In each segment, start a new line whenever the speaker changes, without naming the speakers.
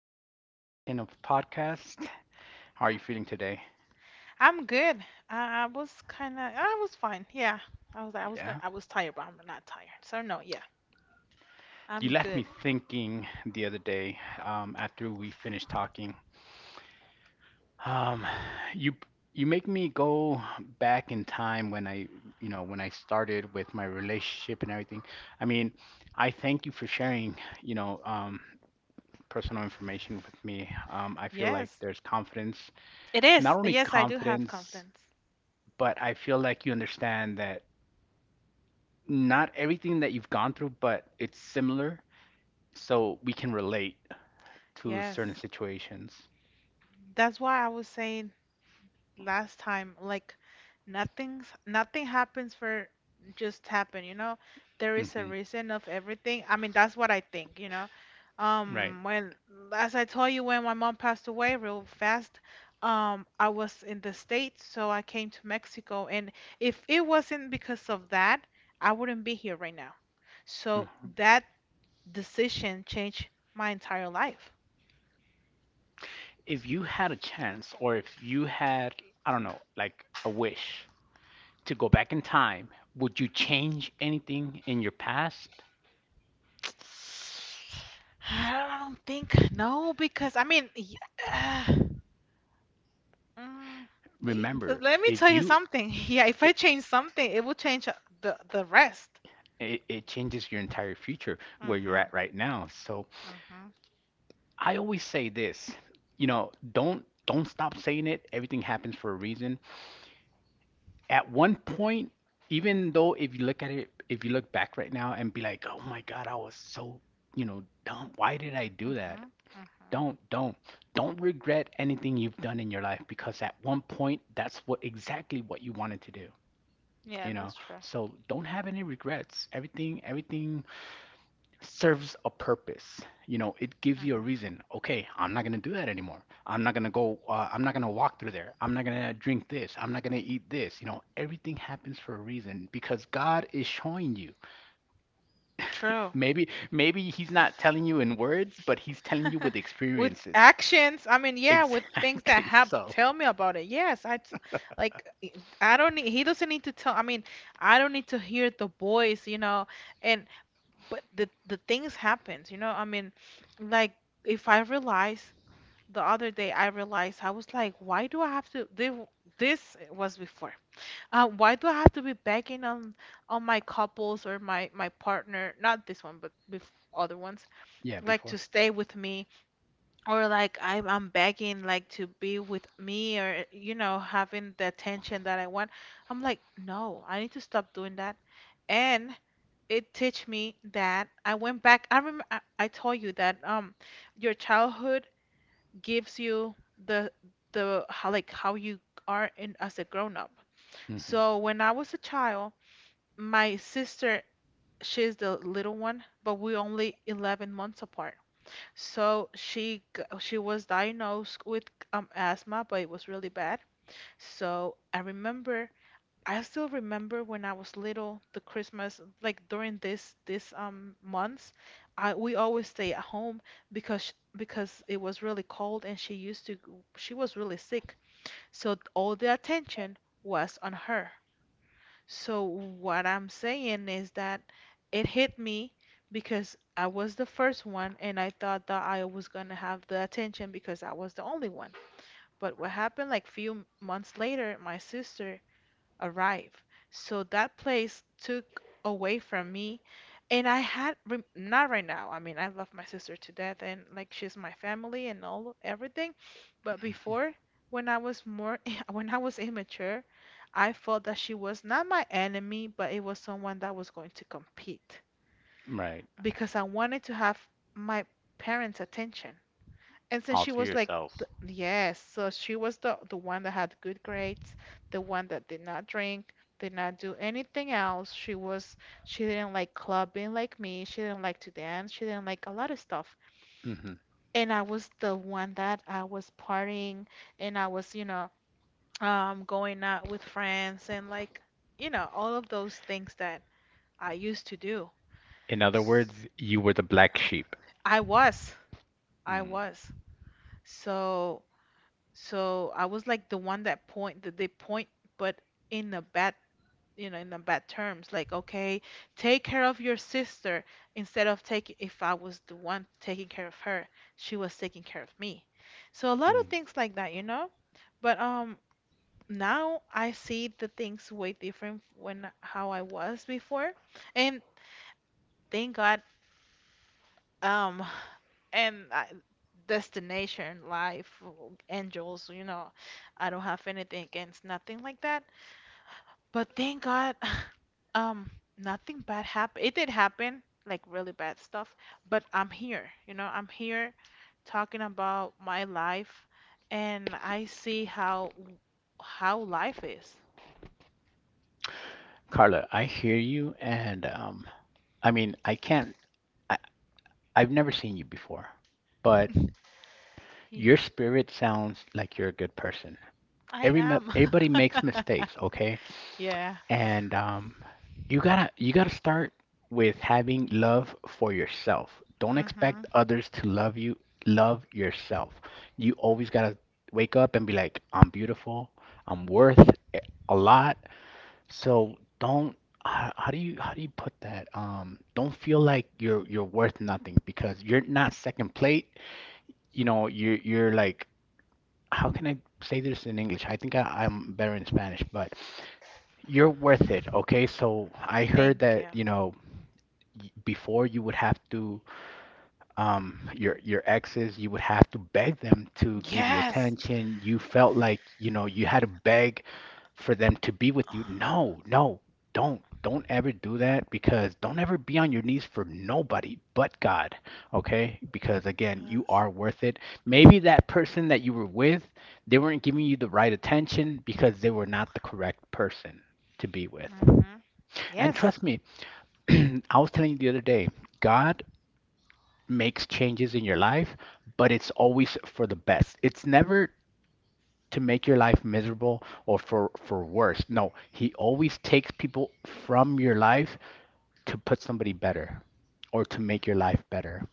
me for another session of podcast. How are you feeling today?
I'm good. I was kind of, I was fine. Yeah.
Yeah.
I was tired, but I'm not tired. So no, yeah,
You
I'm
left me
good.
thinking the other day, after we finished talking. Um, you you make me go back in time when I when I started with my relationship and everything. I mean, I thank you for sharing, you know, um, personal information with me. I feel like
Yes,
there's confidence,
it
not
is.
only
Yes, I do have
confidence,
confidence.
but I feel like you understand that not everything that you've gone through, but it's similar, so we can relate to
Yes.
certain situations.
That's why I was saying last time, like nothing happens for just happen, you know? There is a
Hmm.
reason of everything. I mean, that's what I think, you know?
Right.
Um, when, as I told you, when my mom passed away real fast, I was in the States, so I came to Mexico, and if it wasn't because of that, I wouldn't be here right now. So
Hmm.
that decision changed my entire life.
If you had a chance, or if you had, I don't know, like a wish to go back in time, would you change anything in your past?
I don't think no, because I mean, uh, mm, but
Remember,
let me
if
tell you
you
something. Yeah, if I
it,
change something, it will change the rest.
it changes your entire future where you're
Mhm.
at right now. So
Mhm.
I always say this, you know, don't stop saying it. Everything happens for a reason. At one point, even though if you look at it, if you look back right now and be like, oh my God, I was so, you know, dumb. Why did I do that?
Mhm. Mhm.
Don't, don't, don't regret anything you've done in your life because at one point, that's what exactly what you wanted to do,
Yeah,
you know?
that's true.
So don't have any regrets. Everything serves a purpose. You know, it gives you a
Mhm.
reason. Okay, I'm not gonna do that anymore. I'm not gonna go. I'm not gonna walk through there. I'm not gonna drink this. I'm not gonna eat this. You know, everything happens for a reason because God is showing you.
True.
Maybe He's not telling you in words, but He's telling you with
With
experiences.
actions, I mean, yeah, with things that
Exactly.
help
So,
tell me about it. Yes, like I don't need he doesn't need to tell I mean, I don't need to hear the voice, you know. And but the things happens you know I mean like if I realize the other day I realized I was like why do I have to this was before why do I have to be begging on my couples or my partner not this one other ones
yeah,
like to
before.
stay with me or like I'm begging like to be with me or you know having the attention that I want I'm like no I need to stop doing that and it teach me that I went back. I remember I told you that your childhood gives you the the how like how you are in as a grown up.
Hmm.
So when I was a child, my sister she's the little one, but we only 11 months apart. So she was diagnosed with asthma, but it was really bad. So I remember I still remember when I was little, the Christmas, like during this months, I we always stay at home because it was really cold and she used to she was really sick. So all the attention was on her. So what I'm saying is that it hit me because I was the first one and I thought that I was gonna have the attention because I was the only one. But what happened like few months later, my sister arrive. So that place took away from me, and I had not right now. I mean, I love my sister to death, and like she's my family and all everything. But before, when I was more when I was immature, I felt that she was not my enemy, but it was someone that was going to compete
Right.
because I wanted to have my parents' attention. And so
All
she
to
was like,
yourself.
yes. So she was the one that had good grades, the one that did not drink, did not do anything else. She was she didn't like clubbing like me. She didn't like to dance. She didn't like a lot of stuff.
Hmm.
And I was the one that I was partying and I was, you know, going out with friends and like, you know, all of those things that I used to do.
In other
S-
words, you were the black sheep.
I was, I
Mm.
was. So So I was like the one that point that they point, but in a bad, you know, in a bad terms. Like, okay, take care of your sister instead of taking. If I was the one taking care of her, she was taking care of me. So a lot of
Mm.
things like that, you know. But now I see the things way different when how I was before, and thank God. Um, and I, destination life angels you know I don't have anything against nothing like that but thank god um nothing bad happened it did happen like really bad stuff but I'm here you know I'm here talking about my life and I see how life is
Carla, I hear you, and I mean, I can't, I, I've never seen you before, but your
yeah
spirit sounds like you're a good person.
I am
Everybody makes mistakes, okay?
yeah
And you gotta start with having love for yourself. Don't
mhm
expect others to love you. Love yourself. You always gotta wake up and be like, I'm beautiful. I'm worth a lot. So don't how do you put that? Don't feel like you're worth nothing because you're not second plate. You know, you're like how can I say this in English? I think I'm better in Spanish, but you're worth it, okay? So I heard
thank
that,
you
you know, before you would have to your exes you would have to beg them to give you
yes
attention. You felt like, you know, you had to beg for them to be with you. no no Don't, ever do that, because don't ever be on your knees for nobody but God, okay? Because again, you
yes
are worth it. Maybe that person that you were with, they weren't giving you the right attention because they were not the correct person to be with.
Mm-hmm.
And
Yes.
trust me, I was telling you the other day, God makes changes in your life, but it's always for the best. It's never to make your life miserable or for worse. No, he always takes people from your life to put somebody better or to make your life
Mm-hmm.
better.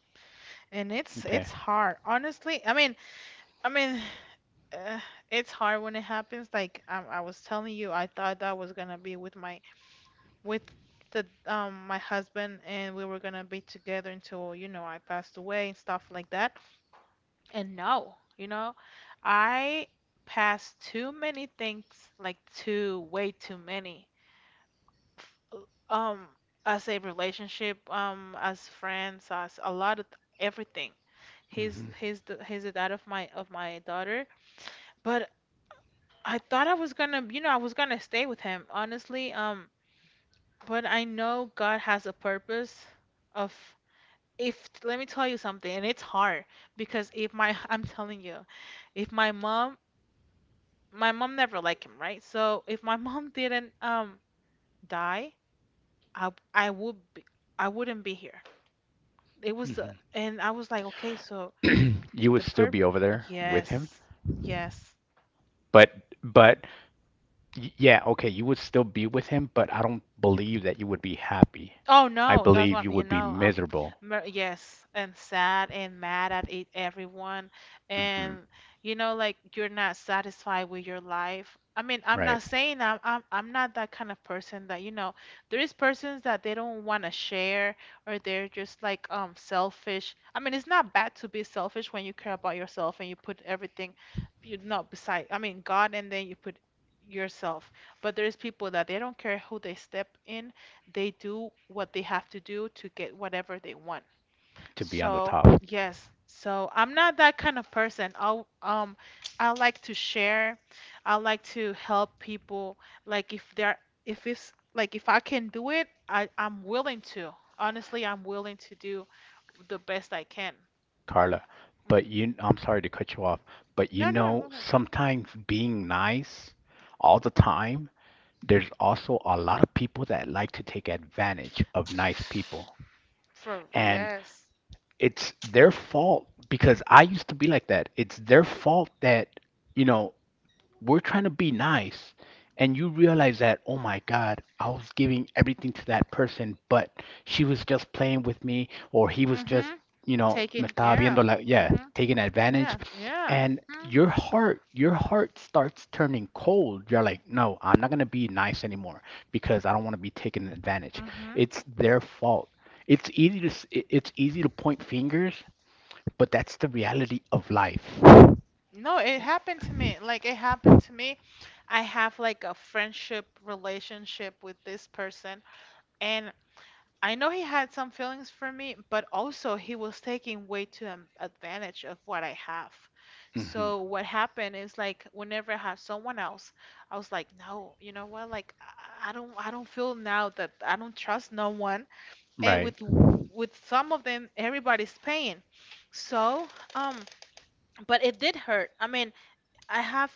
And it's
Okay.
it's hard, honestly. I mean, uh, it's hard when it happens. Like I was telling you, I thought that I was gonna be with my with the my husband, and we were gonna be together until you know I passed away and stuff like that. And no, you know, I passed too many things, like too way too many. um as a relationship as friends as a lot of everything he's
Hmm.
he's the he's the dad of my daughter but I thought I was gonna you know I was gonna stay with him honestly but I know god has a purpose of if let me tell you something and it's hard because if my I'm telling you if my mom my mom never liked him right so if my mom didn't die i would be I wouldn't be here It was,
Hmm.
and I was like, okay, so
You would
the
still
perp,
be over there with him,
yes, yes.
but but yeah, okay, you would still be with him, but I don't believe that you would be happy.
Oh
I
no, that's
believe
what
you
you
would be
know.
miserable.
Yes, and sad and mad at it, everyone,
Hmm.
and you know, like you're not satisfied with your life. I mean, I'm
Right,
not saying I'm not that kind of person that you know. There is persons that they don't want to share or they're just like selfish. I mean, it's not bad to be selfish when you care about yourself and you put everything, you not beside. I mean, God, and then you put yourself. But there's people that they don't care who they step in they do what they have to do to get whatever they want.
to be on the
So,
top.
yes. So, I'm not that kind of person. I'll I like to share. I like to help people. Like if they're if it's like if I can do it, I'm willing to. Honestly, I'm willing to do the best I can.
Carla,
Mhm.
but you, I'm sorry to cut you off, but, you
No, no, no, go
know,
ahead.
sometimes being nice all the time, there's also a lot of people that like to take advantage of nice people.
For
And
yes.
it's their fault, because I used to be like that. It's their fault that, you know, we're trying to be nice, and you realize that, oh my God, I was giving everything to that person, but she was just playing with me, or he was just,
Mhm.
you know, me
Taking
estaba
yeah.
viendo, like, yeah,
Mhm.
taking advantage.
Yeah, yeah.
And your heart, your heart starts turning cold. You're like, no, I'm not going to be nice anymore because I don't want to be taken advantage.
Mm-hmm.
It's their fault. It's easy to point fingers, but that's the reality of life.
No, it happened to me. Like it happened to me. I have like a friendship relationship with this person, and I know he had some feelings for me, but also he was taking way too advantage of what I have.
Hmm.
So what happened is like whenever I have someone else, I was like, no, you know what? Like I don't feel now that I don't trust no one, and
Right.
with some of them, everybody's paying. So um, but it did hurt. I mean, I have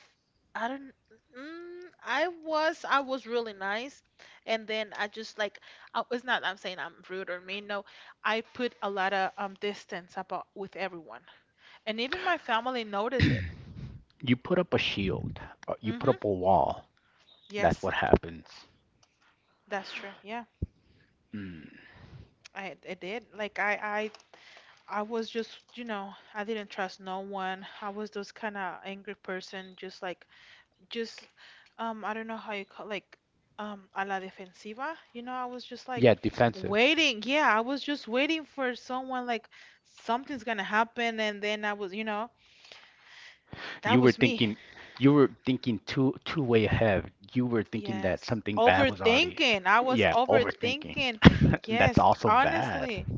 I don't I was really nice and then I just like it's not I'm saying I'm rude or mean no I put a lot of distance about with everyone and even my family noticed it
You put up a shield, or you put
mm-hmm
up a wall. That's
yes
what happens.
that's true yeah
Mm.
I did like I was just you know I didn't trust no one I was those kind of angry person just like just I don't know how you call like a la defensiva. You know, I was just like
Yeah, defensive.
waiting. Yeah, I was just waiting for someone like something's gonna happen and then I was, you know, that
You were
was me.
thinking, you were thinking too way ahead. You were thinking that
Yes.
something bad was already.
Overthinking. I was
Yeah, overthinking.
overthinking.
That's
Yes,
also bad.
honestly.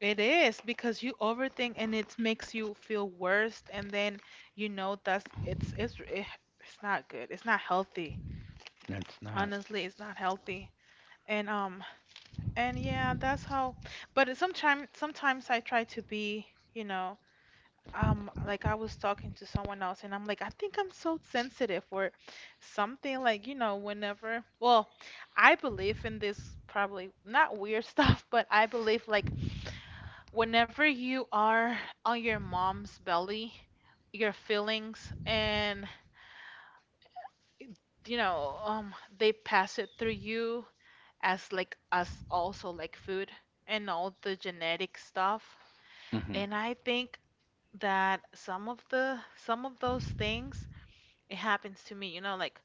It is because you overthink and it makes you feel worse and then you know that's it's it's not good. It's not healthy.
That's not.
Honestly, it's not healthy. And um And yeah, that's how. But sometimes I try to be, you know, like I was talking to someone else, and I'm like, I think I'm so sensitive or something. Like, you know, whenever. Well, I believe in this probably not weird stuff, but I believe like whenever you are on your mom's belly, your feelings and you know, they pass it through you as like us also like food and all the genetic stuff.
Hmm.
And I think that some of those things it happens to me, you know, like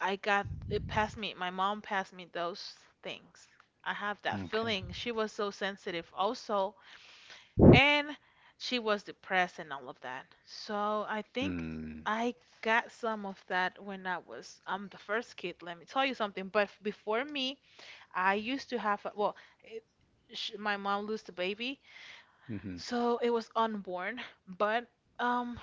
I got it passed me, my mom passed me those things. I have that
Okay.
feeling. She was so sensitive also, and she was depressed and all of that. So I think
Mm.
I got some of that when I was I'm the first kid, let me tell you something, but before me, I used to have a, well, it, sh my mom lost a baby
Hmm.
so it was unborn, but um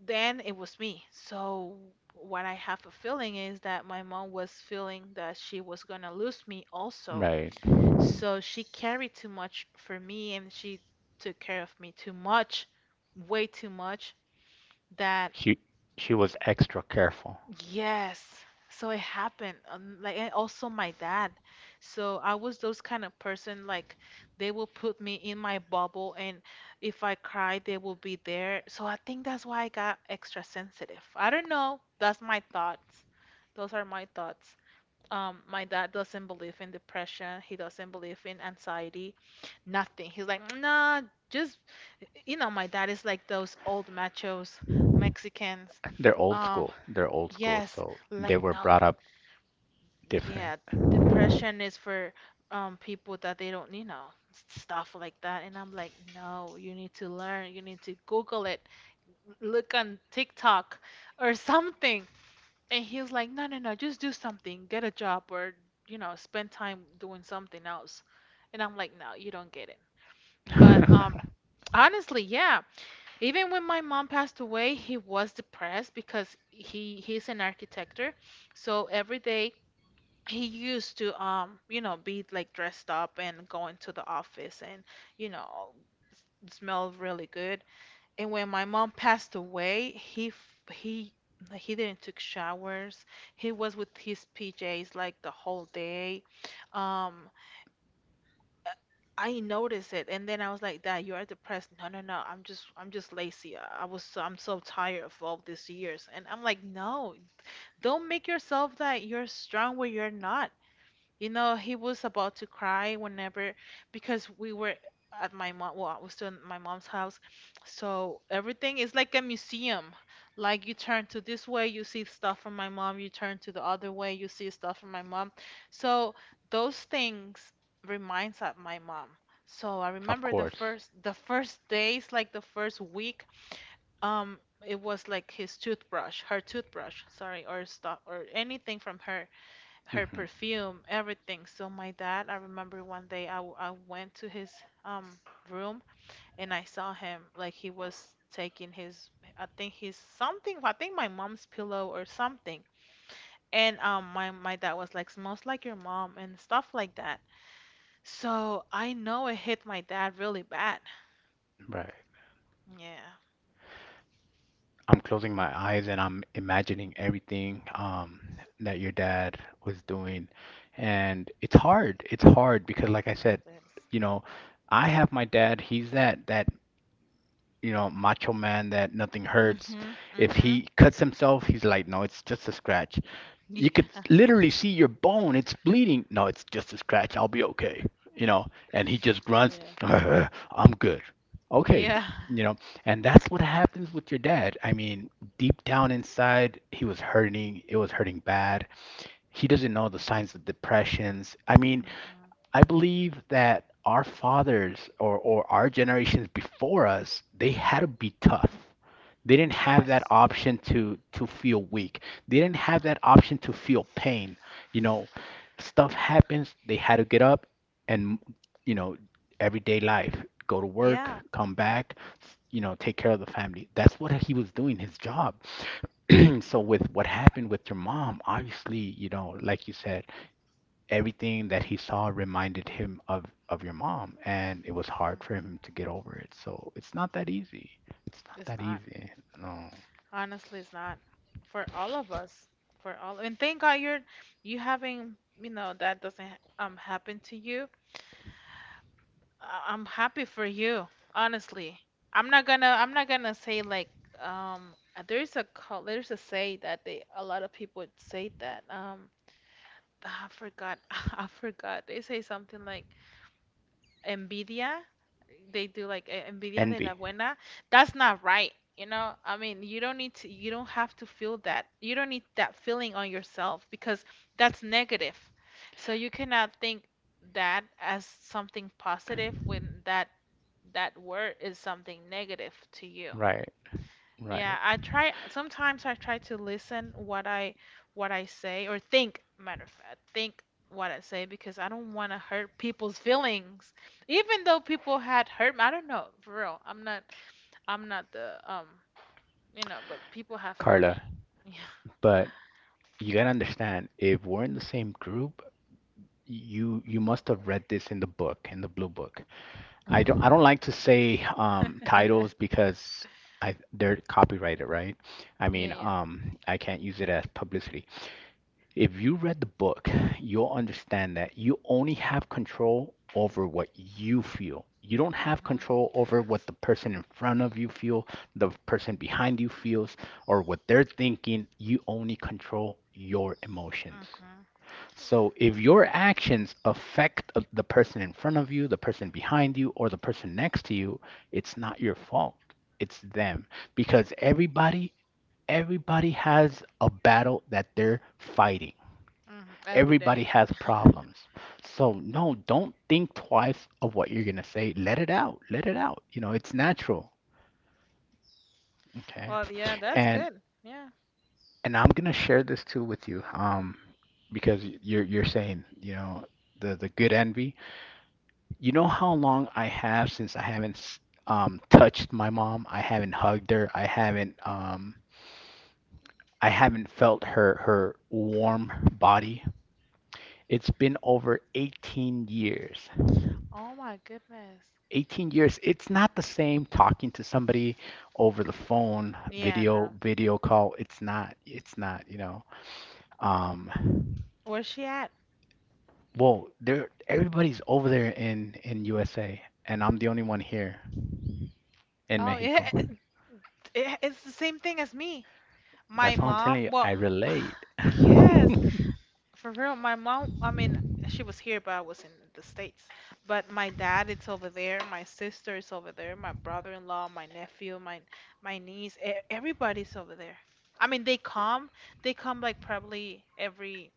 then it was me. So what I have a feeling is that my mom was feeling that she was gonna lose me also.
Right.
So she carried too much for me and she took care of me too much, way too much that
She she was extra careful.
Yes. So it happened. Like and also my dad. So I was those kind of person like they will put me in my bubble and if I cry they will be there. So I think that's why I got extra sensitive. I don't know. That's my thoughts. Those are my thoughts. My dad doesn't believe in depression. He doesn't believe in anxiety. Nothing. He's like, nah, just my dad is like those old machos Mexicans.
They're old
Um,
school. They're old school,
Yes,
so they
like
were brought
no,
up different.
yeah, depression is for people that they don't, stuff like that. And I'm like, no, you need to learn. You need to Google it. Look on TikTok or something. And he was like, no, no, no, just do something. Get a job or, spend time doing something else. And I'm like, no, you don't get it. But honestly, yeah. Even when my mom passed away, he was depressed because he's an architect. So every day he used to be like dressed up and go into the office and, you know, smell really good. And when my mom passed away, he didn't took showers. He was with his PJs like the whole day. Um, I noticed it, and then I was like, "Dad, you are depressed." No, no, no. I'm just lazy. I was, so, I'm so tired of all these years, and I'm like, "No, don't make yourself that you're strong where you're not. You know, he was about to cry whenever because we were at my mom. Well, I was still in my mom's house, so everything is like a museum. Like you turn to this way, you see stuff from my mom. You turn to the other way, you see stuff from my mom. So those things reminds of my mom. So I
Of
remember
course.
the first days, like the first week. Um, it was like his toothbrush, her toothbrush, sorry, or stuff or anything from her
Hmm.
perfume, everything. So my dad, I remember one day I went to his um room and I saw him like he was taking his I think his something I think my mom's pillow or something. And my dad was like smells like your mom and stuff like that. So I know it hit my dad really bad.
Right.
Yeah,
I'm closing my eyes and I'm imagining everything, that your dad was doing. And it's hard. It's hard because, like I said,
it
you know, I have my dad. He's that you know, macho man that nothing
is.
hurts.
Mhm.
If
Mhm.
he cuts himself, he's like, no, it's just a scratch. You could
Yeah.
literally see your bone. It's bleeding. No, it's just a scratch. I'll be okay. You know, and he just grunts,
Yeah.
I'm good. Okay.
Yeah.
You know, and that's what happens with your dad. I mean, deep down inside, he was hurting. It was hurting bad. He doesn't know the signs of depressions. I mean,
Mhm.
I believe that our fathers, or our generations before us, they had to be tough. They didn't have that
Yes.
option to feel weak. They didn't have
Mhm.
that option to feel pain. You know, stuff happens, they had to get up and, you know, everyday life, go to work,
Yeah.
come back, you know, take care of the family. That's what he was doing, his job. So with what happened with your mom, obviously, you know, like you said, everything that he saw reminded him of your mom, and it was
Mm,
hard for him to get over it. So it's not that easy. It's not
it's
that
not.
easy. No.
Honestly, it's not for all of us. For all, and thank God you having, that doesn't happen to you. I'm happy for you, honestly. I'm not gonna say like there's a say that they a lot of people say that I forgot I forgot they say something like Nvidia, they do like eh, Nvidia de la
Envy.
Buena. That's not right. You know, I mean, you don't have to feel that. You don't need that feeling on yourself because that's negative. So you cannot think that as something positive when that word is something negative to you.
Right.
Yeah,
Right.
I try sometimes I try to listen what I say or think, matter of fact, think what I say because I don't want to hurt people's feelings. Even though people had hurt me, I don't know, for real. I'm not the you know, but people have hurt me.
Carla,
Yeah.
but you gotta understand, if we're in the same group, you must have read this in the book, in the blue book. I don't like to say titles because I they're copyrighted, right? I
Yeah,
mean,
yeah.
I can't use it as publicity. If you read the book, you'll understand that you only have control over what you feel. You don't have
Mhm.
control over what the person in front of you feel, the person behind you feels, or what they're thinking. You only control your emotions.
Mhm.
So if your actions affect the person in front of you, the person behind you, or the person next to you, it's not your fault. It's them, because everybody has a battle that they're fighting.
Mhm. Every
Everybody
day.
has problems. So no, don't think twice of what you're gonna say. Let it out. Let it out. You know, it's natural. Okay.
Well, yeah, that's
And
good. Yeah.
and I'm gonna share this too with you, because you're saying, you know, the good envy. You know how long I have since I haven't touched my mom. I haven't hugged her. I haven't felt her warm body. It's been over 18 years.
Oh my goodness.
18 years, it's not the same talking to somebody over the phone,
Yeah,
video
no.
call, it's not, it's not, you know, um,
Where's she at?
well, there, everybody's over there in USA, and I'm the only one here in
Oh, yeah,
Mexico.
it, it's the same thing as me. My
That's why I'm
mom,
telling you
well,
I relate.
yes, for real. My mom, I mean, she was here, but I was in the States. But my dad, it's over there. My sister is over there. My brother-in-law, my nephew, my niece, everybody's over there. I mean, they come like probably every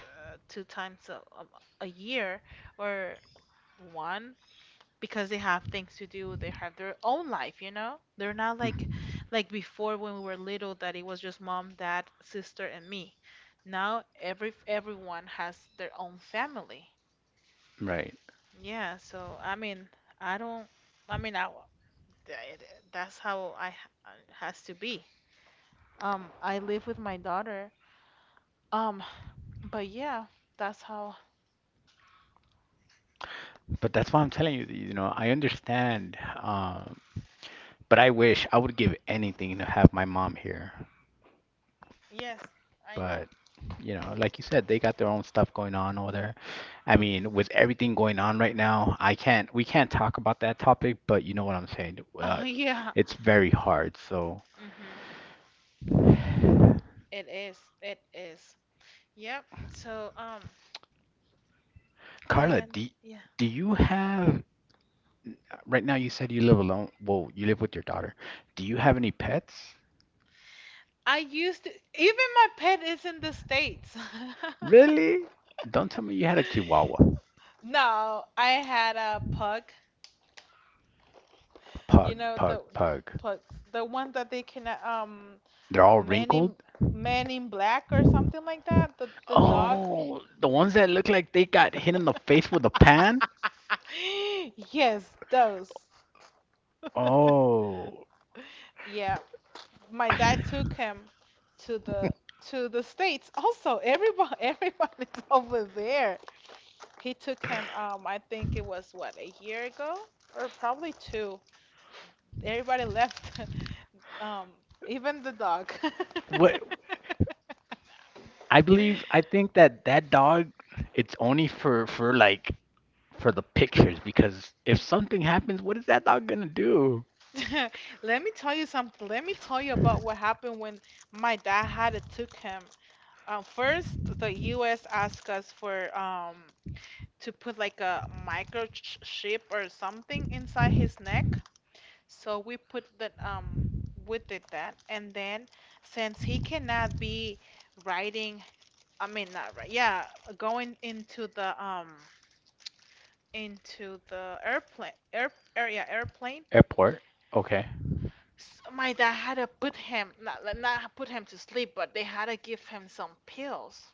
two times a, a year or one because they have things to do. They have their own life. You know, they're not like like before when we were little that it was just mom, dad, sister, and me. Now everyone has their own family.
Right.
Yeah, so I mean, I don't I mean th- that's how has to be. I live with my daughter. um but yeah, that's how.
But that's why I'm telling you that, you know, I understand, um, but I wish, I would give anything to have my mom here.
Yes, I know.
But you know, like you said, they got their own stuff going on over there. I mean, with everything going on right now, I can't we can't talk about that topic, but you know what I'm saying.
Oh yeah.
It's very hard. So,
Mhm. It is, it is. Yep. So um,
Carla,
and yeah.
do you have, right now, you said you live alone. Well, you live with your daughter. Do you
Mhm.
have any pets?
I used to, even my pet is in the States.
Really? Don't tell me you had a Chihuahua.
No, I had a pug. You know the
Pug.
pugs, the one that they can
They're all
man
wrinkled.
in man in black or something like that. The dog.
Oh, the ones that look like they got hit in the face with a pan?
Yes, those.
Oh.
Yeah, my dad took him to the to the States. Also, everybody everybody's over there. He took him, I think it was what, a year ago or probably two. Everybody left, um, even the dog.
What, I believe, I think that that dog, it's only for like for the pictures, because if something happens, what is that dog gonna do?
Let me tell you something. Let me tell you about what happened when my dad had it took him. First, the U.S. asked us for to put like a microchip or something inside his neck. So we put that we did that, and then since he cannot be riding, I mean, not right. Yeah, going into the airplane air area airplane.
Airport. Okay.
S my dad had to put him not like, not put him to sleep, but they had to give him some pills.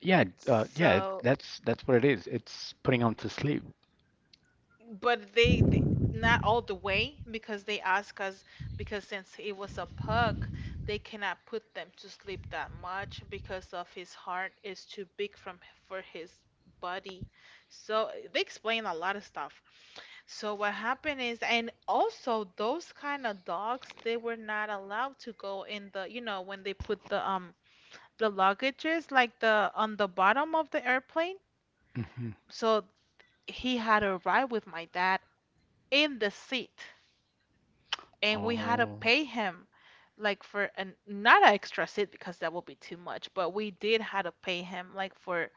Yeah.
So,
That's what it is. It's putting him to sleep.
but they not all the way because they asked us because since he was a pug, they cannot put them to sleep that much because of his heart is too big from for his body. So they explain a lot of stuff. So what happened is, and also those kind of dogs, they were not allowed to go in the, you know, when they put the luggages like the on the bottom of the airplane.
Hmm.
So he had a ride with my dad in the seat, and we had to
Oh.
pay him like for an not an extra seat because that would be too much, but we did had to pay him like for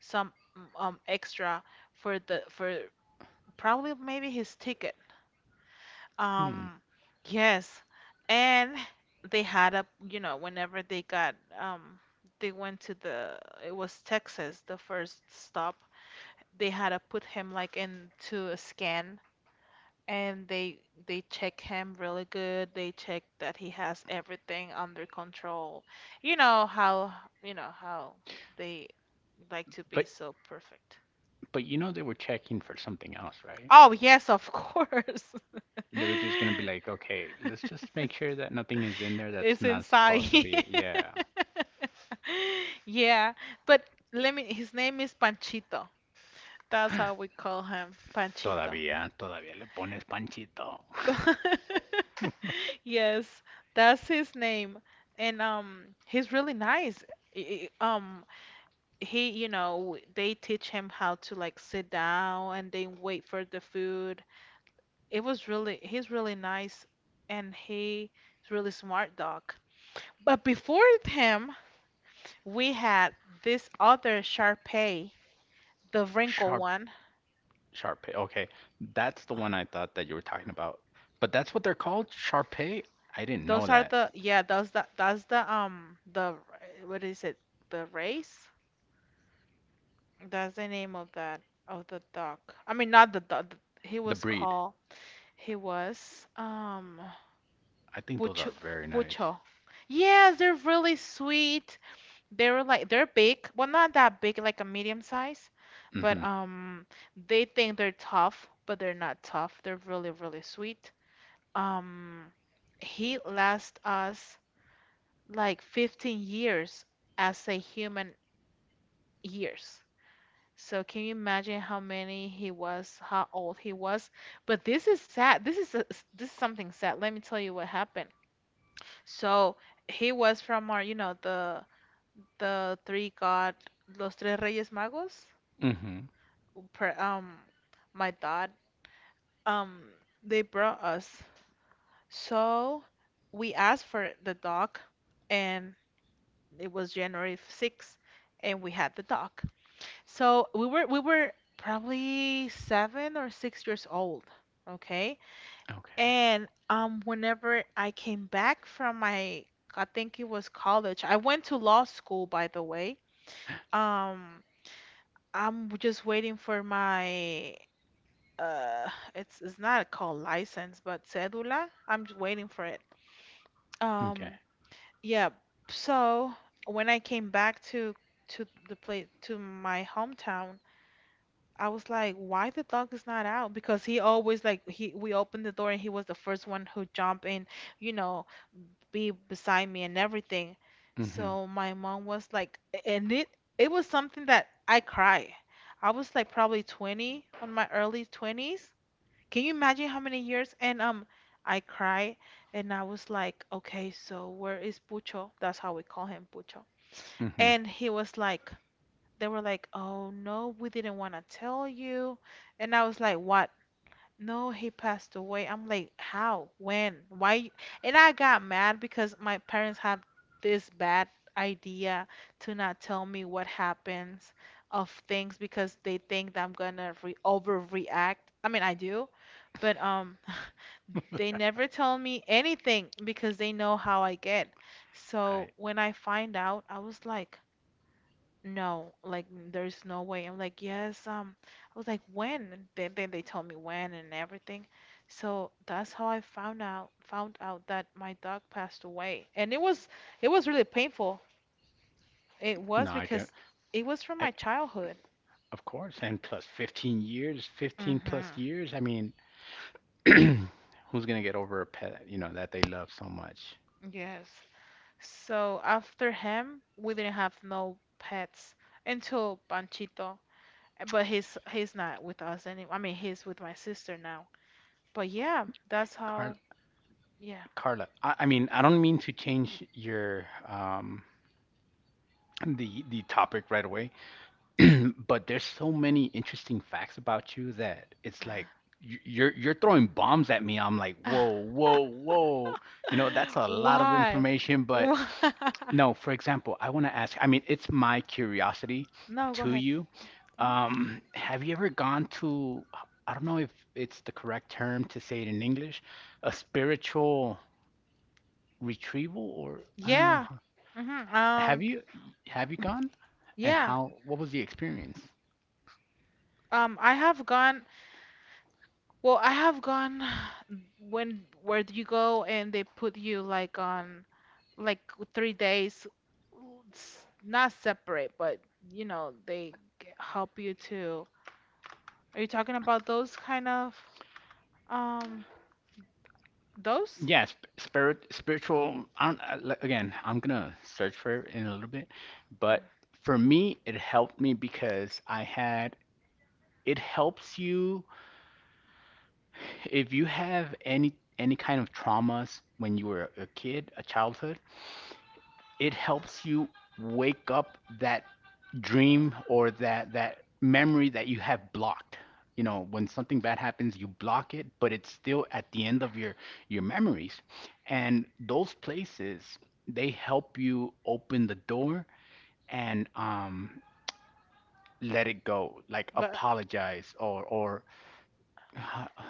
some extra for probably maybe his ticket.
Hmm.
Um, yes. And they had a, you know, whenever they got, they went to the, it was Texas, the first stop. They had to put him like into a scan and they check him really good. They check that he has everything under control. You know how, you know how they like to be
But
so perfect.
but you know they were checking for something else, right?
Oh, yes, of course.
They were just gonna be like, okay, let's just make sure that nothing is in there that's
It's
not
inside.
supposed to be. Yeah.
Yeah, but let me, his name is Panchito. That's how we call him, Panchito.
Todavía, todavía le pones panchito.
Yes, that's his name. And he's really nice. I- I- Um he, you know, they teach him how to like sit down and then wait for the food. It was really he's really nice and he's really smart dog. But before him, we had this other Sharpay, the wrinkled
Sharp
one.
Sharpay. Okay, that's the one I thought that you were talking about. But that's what they're called, Sharpay? I didn't know
Those are
that.
the yeah, those that that's the what is it? The race? That's the name of that of the dog. I mean not the dog. He
The
was
breed.
called he was
I think those
Pucho.
are very nice.
Pucho. Yes, they're really sweet. They were like they're big, well not that big, like a medium size, but
Mm-hmm.
they think they're tough, but they're not tough. They're really really sweet. um he lasts us like 15 years as a human years. So can you imagine how many he was, how old he was? But this is sad. This is something sad. Let me tell you what happened. So he was from our, you know, the three God, los tres Reyes Magos.
Mm-hmm.
Pre, my dad, um, they brought us. So we asked for the dog, and it was January 6th and we had the dog. So we were probably seven or six years old, okay?
Okay.
And whenever I came back from my I think it was college. I went to law school by the way. Um I'm just waiting for my uh it's not called license but cedula. I'm just waiting for it.
Okay.
Um Yeah. So when I came back to the place to my hometown, I was like, why the dog is not out? Because he always like he we opened the door and he was the first one who jump in, you know, be beside me and everything.
Mm-hmm.
So my mom was like, and it was something that I cry. I was like probably 20 on my early 20s can you imagine how many years? And I cried, and I was like, okay, so where is Pucho? That's how we call him, Pucho.
Mm-hmm.
And they were like, oh no, we didn't want to tell you. And I was like, what? No, he passed away. I'm like, how? When? Why? You-" And I got mad because my parents have this bad idea to not tell me what happens of things because they think that I'm gonna re overreact. I mean, I do, but. They never tell me anything because they know how I get. So
Right.
when I find out, I was like, no, like there's no way. I'm like, yes, I was like, when? And then they told me when and everything. So that's how I found out that my dog passed away. And it was really painful. It
No,
was
I can.
because it was from
I
my childhood.
Of course. And plus 15 years, 15 plus
Mm-hmm.
years. I mean, who's gonna get over a pet, you know, that they love so much?
Yes. So after him, we didn't have no pets until Panchito. But he's not with us anymore. I mean, he's with my sister now. But yeah, that's
Car
how. Yeah.
Carla. I mean, I don't mean to change your the topic right away. But there's so many interesting facts about you that it's like you're throwing bombs at me. I'm like, whoa, whoa, whoa. You know, that's a lot of
Why?
information, but
Why?
no, for example, I want to ask, I mean, it's my curiosity
No, go
to
ahead.
you.
Hmm.
Have you ever gone to, I don't know if it's the correct term to say it in English, a spiritual retrieval, or I don't know.
Yeah. Hmm.
Have you gone? And
Yeah.
what was the experience?
I have gone, well, I have gone when where do you go and they put you like on like 3 days, s- not separate, but you know, they g- help you to. Are you talking about those kind of? Um, those?
Yeah, spiritual. I don't, I- like, again, I'm gonna search for it in a little bit,
Uh,
but for me, it helped me because I had. It helps you if you have any kind of traumas when you were a kid, a childhood. It helps you wake up that dream or that memory that you have blocked. You know, when something bad happens, you block it, but it's still at the end of your memories, and those places, they help you open the door, and let it go, like
But
apologize, or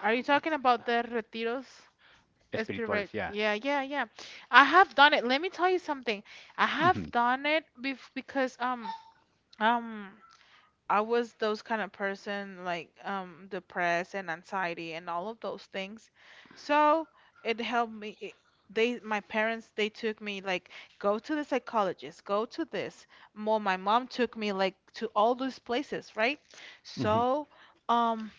are you talking
what's
about the retiros? Spirit.
espirituales? Yeah.
Yeah, yeah, yeah. I have done it. Let me tell you something. I have
Mhm.
done it bef because um I was those kind of person like depressed and anxiety and all of those things. So it helped me. It, they my parents they took me like go to the psychologist, go to this. More my mom took me like to all those places, right?
Mhm.
So. Um,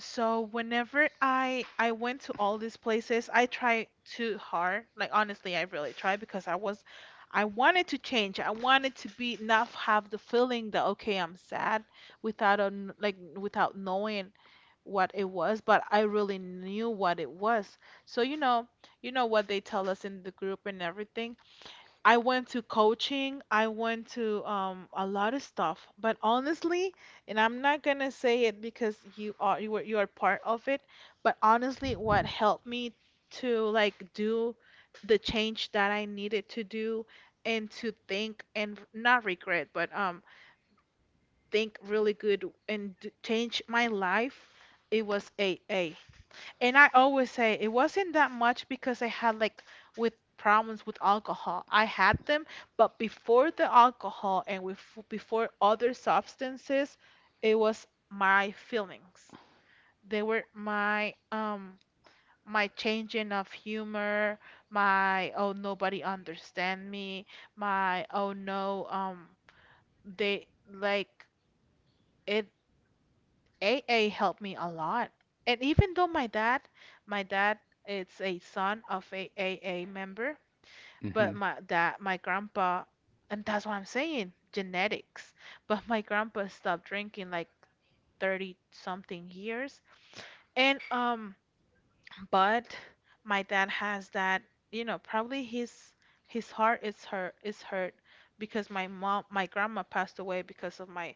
So whenever I went to all these places, I tried too hard. Like honestly, I really tried because I was I wanted to change. I wanted to be not have the feeling that okay, I'm sad without a, kn- like without knowing what it was, but I really knew what it was. So you know what they tell us in the group and everything. I went to coaching, I went to a lot of stuff. But honestly, and I'm not gonna say it because you are part of it, but honestly, what helped me to like do the change that I needed to do and to think and not regret, but think really good and d- change my life, it was A. A. And I always say it wasn't that much because I had like with problems with alcohol. I had them, but before the alcohol and with before other substances, it was my feelings. They were my my changing of humor, my oh nobody understand me, my oh no they like it a A helped me a lot. And even though my dad is a son of a A member, but
Mhm.
my dad, my grandpa, and that's what I'm saying, genetics. But my grandpa stopped drinking like 30 something years. And but my dad has that, you know, probably his heart is hurt because my grandma passed away because of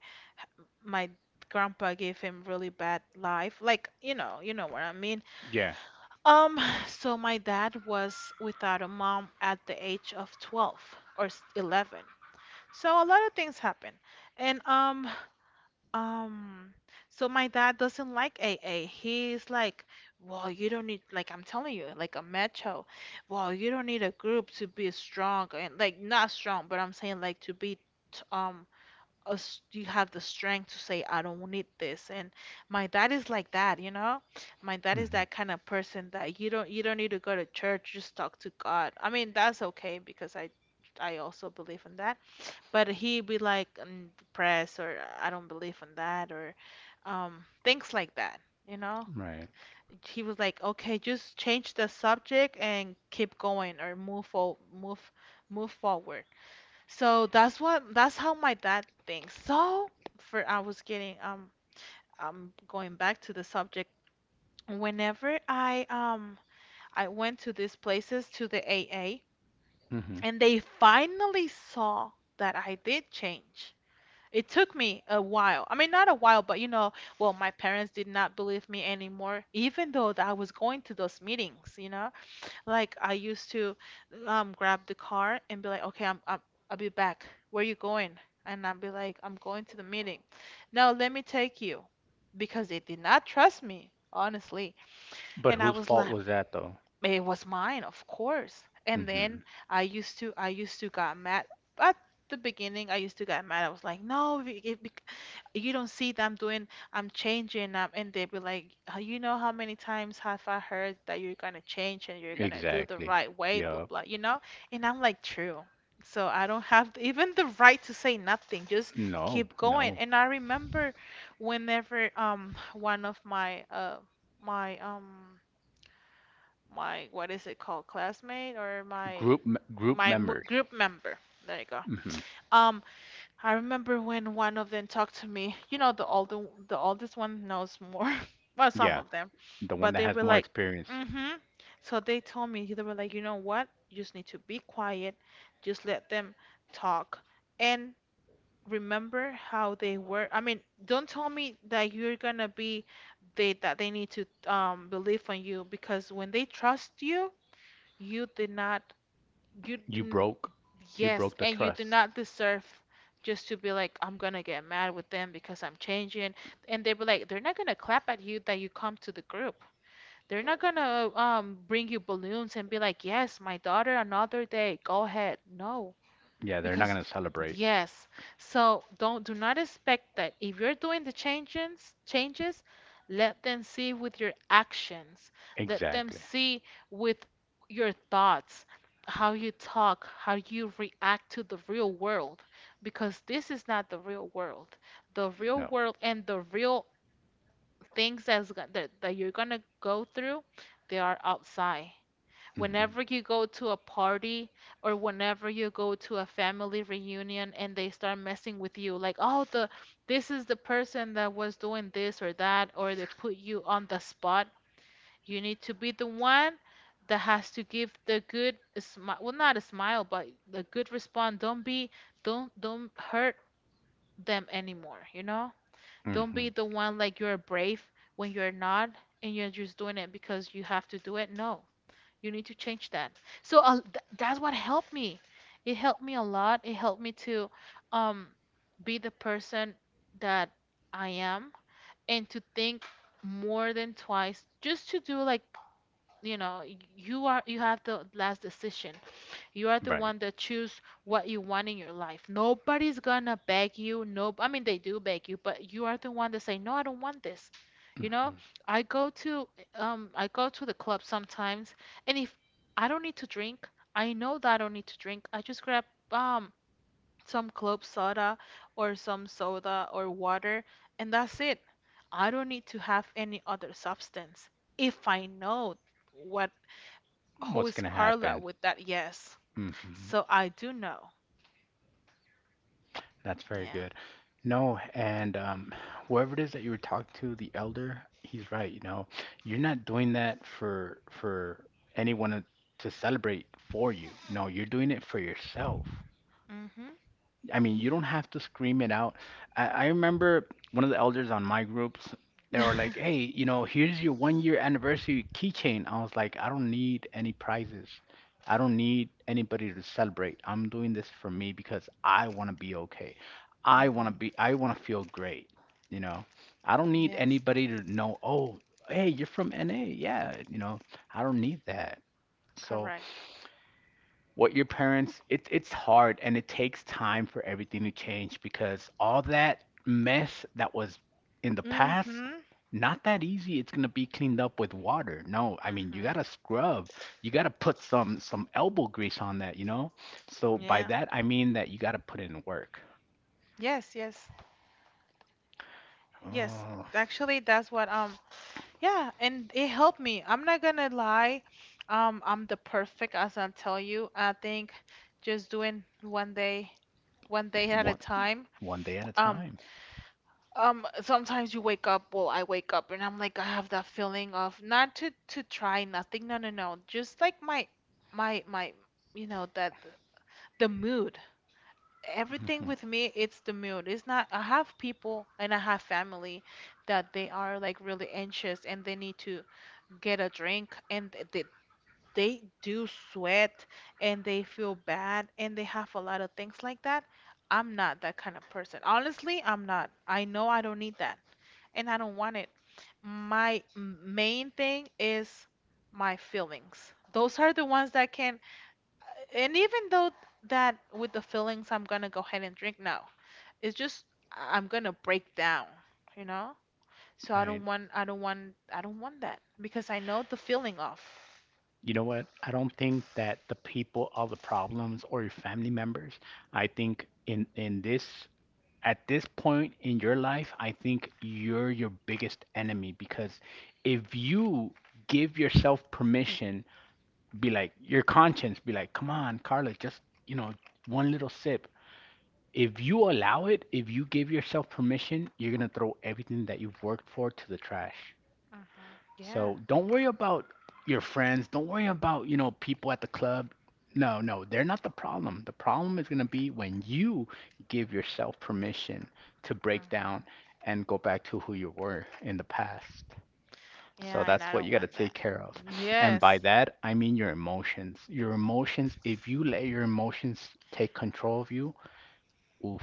my grandpa gave him really bad life. Like, you know what I mean.
Yeah.
Um, so my dad was without a mom at the age of 12 or s- 11. So a lot of things happen. And um so my dad doesn't like A. A. He's like, "Well, you don't need like I'm telling you, like a macho. Well, you don't need a group to be strong and like not strong, but I'm saying like to be t- us you have the strength to say I don't need this. And my dad is like that, you know. My dad is
Mhm.
that kind of person that you don't need to go to church, just talk to God. I mean, that's okay because I also believe in that, but he be like mm, depressed or I don't believe in that or things like that, you know.
Right.
He was like, okay, just change the subject and keep going or move move forward. So that's what that's how my dad thinks. So for I was getting I'm going back to the subject. Whenever I went to these places to the AA
Mhm.
and they finally saw that I did change. It took me a while. I mean, not a while, but you know, well, my parents did not believe me anymore, even though that I was going to those meetings, you know. Like I used to grab the car and be like, okay, I'll be back. Where you going? And I'll be like, I'm going to the meeting. Now let me take you. Because they did not trust me, honestly.
But
And I
whose
was
fault
like,
was that, though?
it was mine, of course. And then
Mhm.
I used to got mad at the beginning. I used to get mad. I was like, no, if, bec- you don't see that I'm changing, and they'd be like, you know how many times have I heard that you're gonna change and you're gonna do the
Exactly.
right way, blah
Yeah.
blah, you know? And I'm like, true. So I don't have th- even the right to say nothing. Just
No,
keep going.
no.
And I remember whenever one of my my um my what is it called classmate or
Group
my mo-
members.
group member there you go.
Hmm.
um I remember when one of them talked to me, you know, the oldest one knows more. Well, some
Yeah,
of them,
the one
but
that
they
has
were
more
like,
experience.
mm-hmm, so they told me. They were like, you know what, you just need to be quiet, just let them talk and remember how they were. I mean, don't tell me that you're gonna be they that they need to believe on you because when they trust you, you did not, you
You
didn't,
broke, you
yes,
broke the
and you do
trust.
not deserve just to be like, I'm gonna get mad with them because I'm changing. And they were like, they're not gonna clap at you that you come to the group. They're not gonna bring you balloons and be like, yes, my daughter, another day, go ahead. No.
Yeah, they're not
Because
gonna celebrate.
yes, so don't do not expect that if you're doing the changes, let them see with your actions. Let them
Exactly.
see with your thoughts, how you talk, how you react to the real world, because this is not the real world. The real
No.
world and the real things that's, go- that you're gonna go through, they are outside
Hmm.
whenever you go to a party or whenever you go to a family reunion and they start messing with you like oh the this is the person that was doing this or that, or they put you on the spot. You need to be the one that has to give the good smile, well, not a smile, but the good response. Don't be don't hurt them anymore, you know. Don't
Hmm.
be the one like you're brave when you're not and you're just doing it because you have to do it. No, you need to change that. So th that's what helped me. It helped me a lot. It helped me to um be the person that I am and to think more than twice just to do like, you know, you are you have the last decision. You are the
Right.
one that choose what you want in your life. Nobody's gonna beg you. No, I mean they do beg you, but you are the one that say, "No, I don't want this." You know,
Hmm.
I go to I go to the club sometimes, and if I don't need to drink, I know that I don't need to drink. I just grab um some club soda or some soda or water, and that's it. I don't need to have any other substance. If I know what who
What's
is
gonna
Carla
happen?
with that yes.
Hmm.
So I do know.
That's very
Yeah.
good. No, and whoever it is that you were talking to, the elder, he's right. You know, you're not doing that for anyone to celebrate for you. No, you're doing it for yourself.
Mhm.
I mean, you don't have to scream it out. I remember one of the elders on my groups, they were
Mhm.
like, hey, you know, here's your one year anniversary keychain. I was like, I don't need any prizes. I don't need anybody to celebrate. I'm doing this for me because I want to be okay. I want to be, I want to feel great. You know, I don't need
Yes.
anybody to know, oh, hey, you're from NA. Yeah, you know, I don't need that. So
Correct.
what your parents, it's hard, and it takes time for everything to change, because all that mess that was in the past,
Mhm.
not that easy, it's going to be cleaned up with water. No, I mean, you got
Mhm.
to scrub. You got to put some elbow grease on that, you know. So by
Yeah.
that, I mean that you got to put in work.
Yes, yes. Yes.
Oh,
Actually, that's what yeah, and it helped me. I'm not gonna lie. I'm the perfect as I tell you. I think just doing one day at a
one
time.
one day at a
Um,
time.
Sometimes you wake up, well, I wake up and I'm like, I have that feeling of not to to try nothing. No, no, no. Just like my, you know, that the mood. Everything
Mhm.
with me, it's the mood. It's not, I have people and I have family that they are like really anxious and they need to get a drink and they do sweat and they feel bad and they have a lot of things like that. I'm not that kind of person. Honestly, I'm not. I know I don't need that and I don't want it. My m- main thing is my feelings. Those are the ones that can, and even though that with the feelings, I'm gonna go ahead and drink now. It's just I- I'm gonna break down, you know? So
Right.
I don't want that because I know the feeling of.
You know what, I don't think that the people, all the problems, or your family members, I think in this, at this point in your life, I think you're your biggest enemy, because if you give yourself permission, be like your conscience, be like, come on, Carla, just, you know, one little sip. If you allow it, if you give yourself permission, you're going to throw everything that you've worked for to the trash.
Hmm. Yeah.
So don't worry about your friends. Don't worry about, you know, people at the club. No, no, they're not the problem. The problem is going to be when you give yourself permission to break down
Hmm.
and go back to who you were in the past. So
Yeah, and
that's
I
what
don't
you got to
want that.
take care of. And by
Yes.
that, I mean your emotions. Your emotions, if you let your emotions take control of you, oof,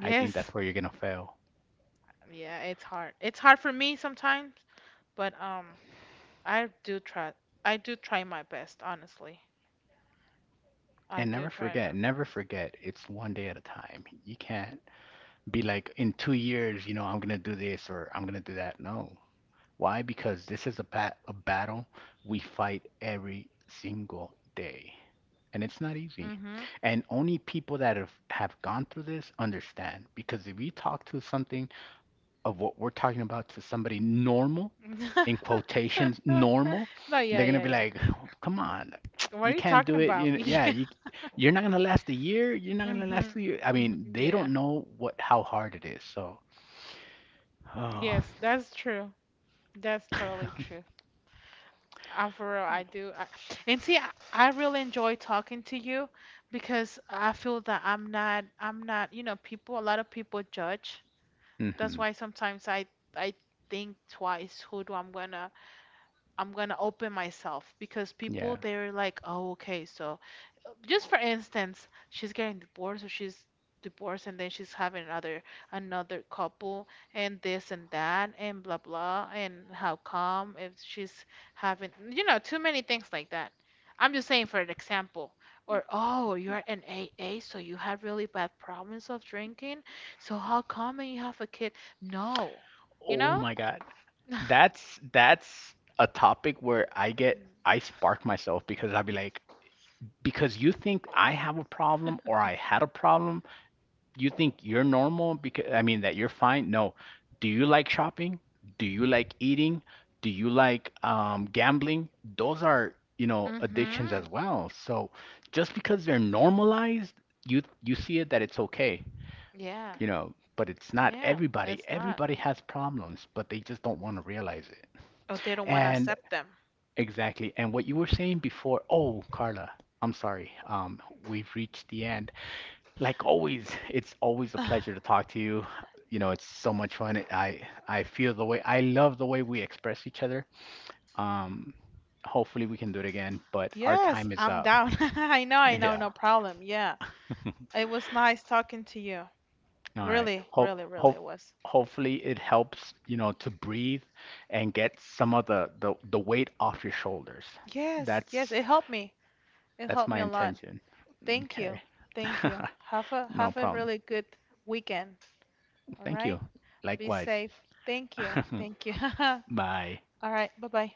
I think that's where you're going to fail.
Yeah, it's hard. It's hard for me sometimes, but I do try. I do try my best, honestly. I
And
do
never
try my
forget, never
best.
forget, it's one day at a time. You can't be like, in 2 years, you know, I'm gonna do this or I'm gonna do that. No. Why? Because this is a battle we fight every single day, and it's not easy.
Mhm.
And only people that have gone through this understand. Because if you talk to something of what we're talking about to somebody normal, in quotations, normal,
No, yeah,
they're gonna
yeah,
be
yeah.
like, "Come on,
What
you
are you
can't
talking
do it."
about?
You know, yeah,
Yeah.
you're not gonna last a year. You're not gonna
Mhm.
last a year. I
Mhm,
mean, they
yeah.
don't know what how hard it is. So. Oh,
Yes, that's true. That's totally true. I'm for real, I do. And see, I really enjoy talking to you because I feel that I'm not, you know, people, a lot of people judge. That's
hmm,
why sometimes I think twice who do I'm gonna open myself because people
yeah.
they're like, oh, okay, so just for instance, she's getting divorced or she's divorced and then she's having another couple and this and that and blah blah and how come if she's having you know too many things like that. I'm just saying for an example. Or oh, you're an AA, so you had really bad problems of drinking. So how come you have a kid? No, you
Oh
know?
my God. That's a topic where I spark myself, because I'll be like, because you think I have a problem or I had a problem, you think you're normal, because I mean that you're fine. No. Do you like shopping? Do you like eating? Do you like gambling? Those are, you know, addictions
Mm-hmm.
as well. So just because they're normalized, you see it that it's okay.
Yeah.
You know, but it's not
Yeah,
everybody.
it's not.
Everybody has problems, but they just don't want to realize it.
Oh, they don't want to
And
accept them.
exactly. And what you were saying before, oh, Carla, I'm sorry. We've reached the end. Like always, it's always a
Ugh,
pleasure to talk to you. You know, it's so much fun. I feel the way I love the way we express each other. Um, Hopefully we can do it again, but our
yes,
time is
I'm
up.
down. I know,
Yeah.
no problem. Yeah. It was nice talking to you.
All right.
Really,
Hope
really, really,
hope
it was.
hopefully it helps, you know, to breathe and get some of the weight off your shoulders.
Yes, yes,
That's
it helped me. It
that's
helped me
my
a lot.
intention.
Thank you.
Okay.
Thank you.
No
Have a
problem.
really good weekend. All
Thank
right?
you.
Be
Likewise.
safe. Thank you. Thank you.
Bye.
All right. Bye-bye.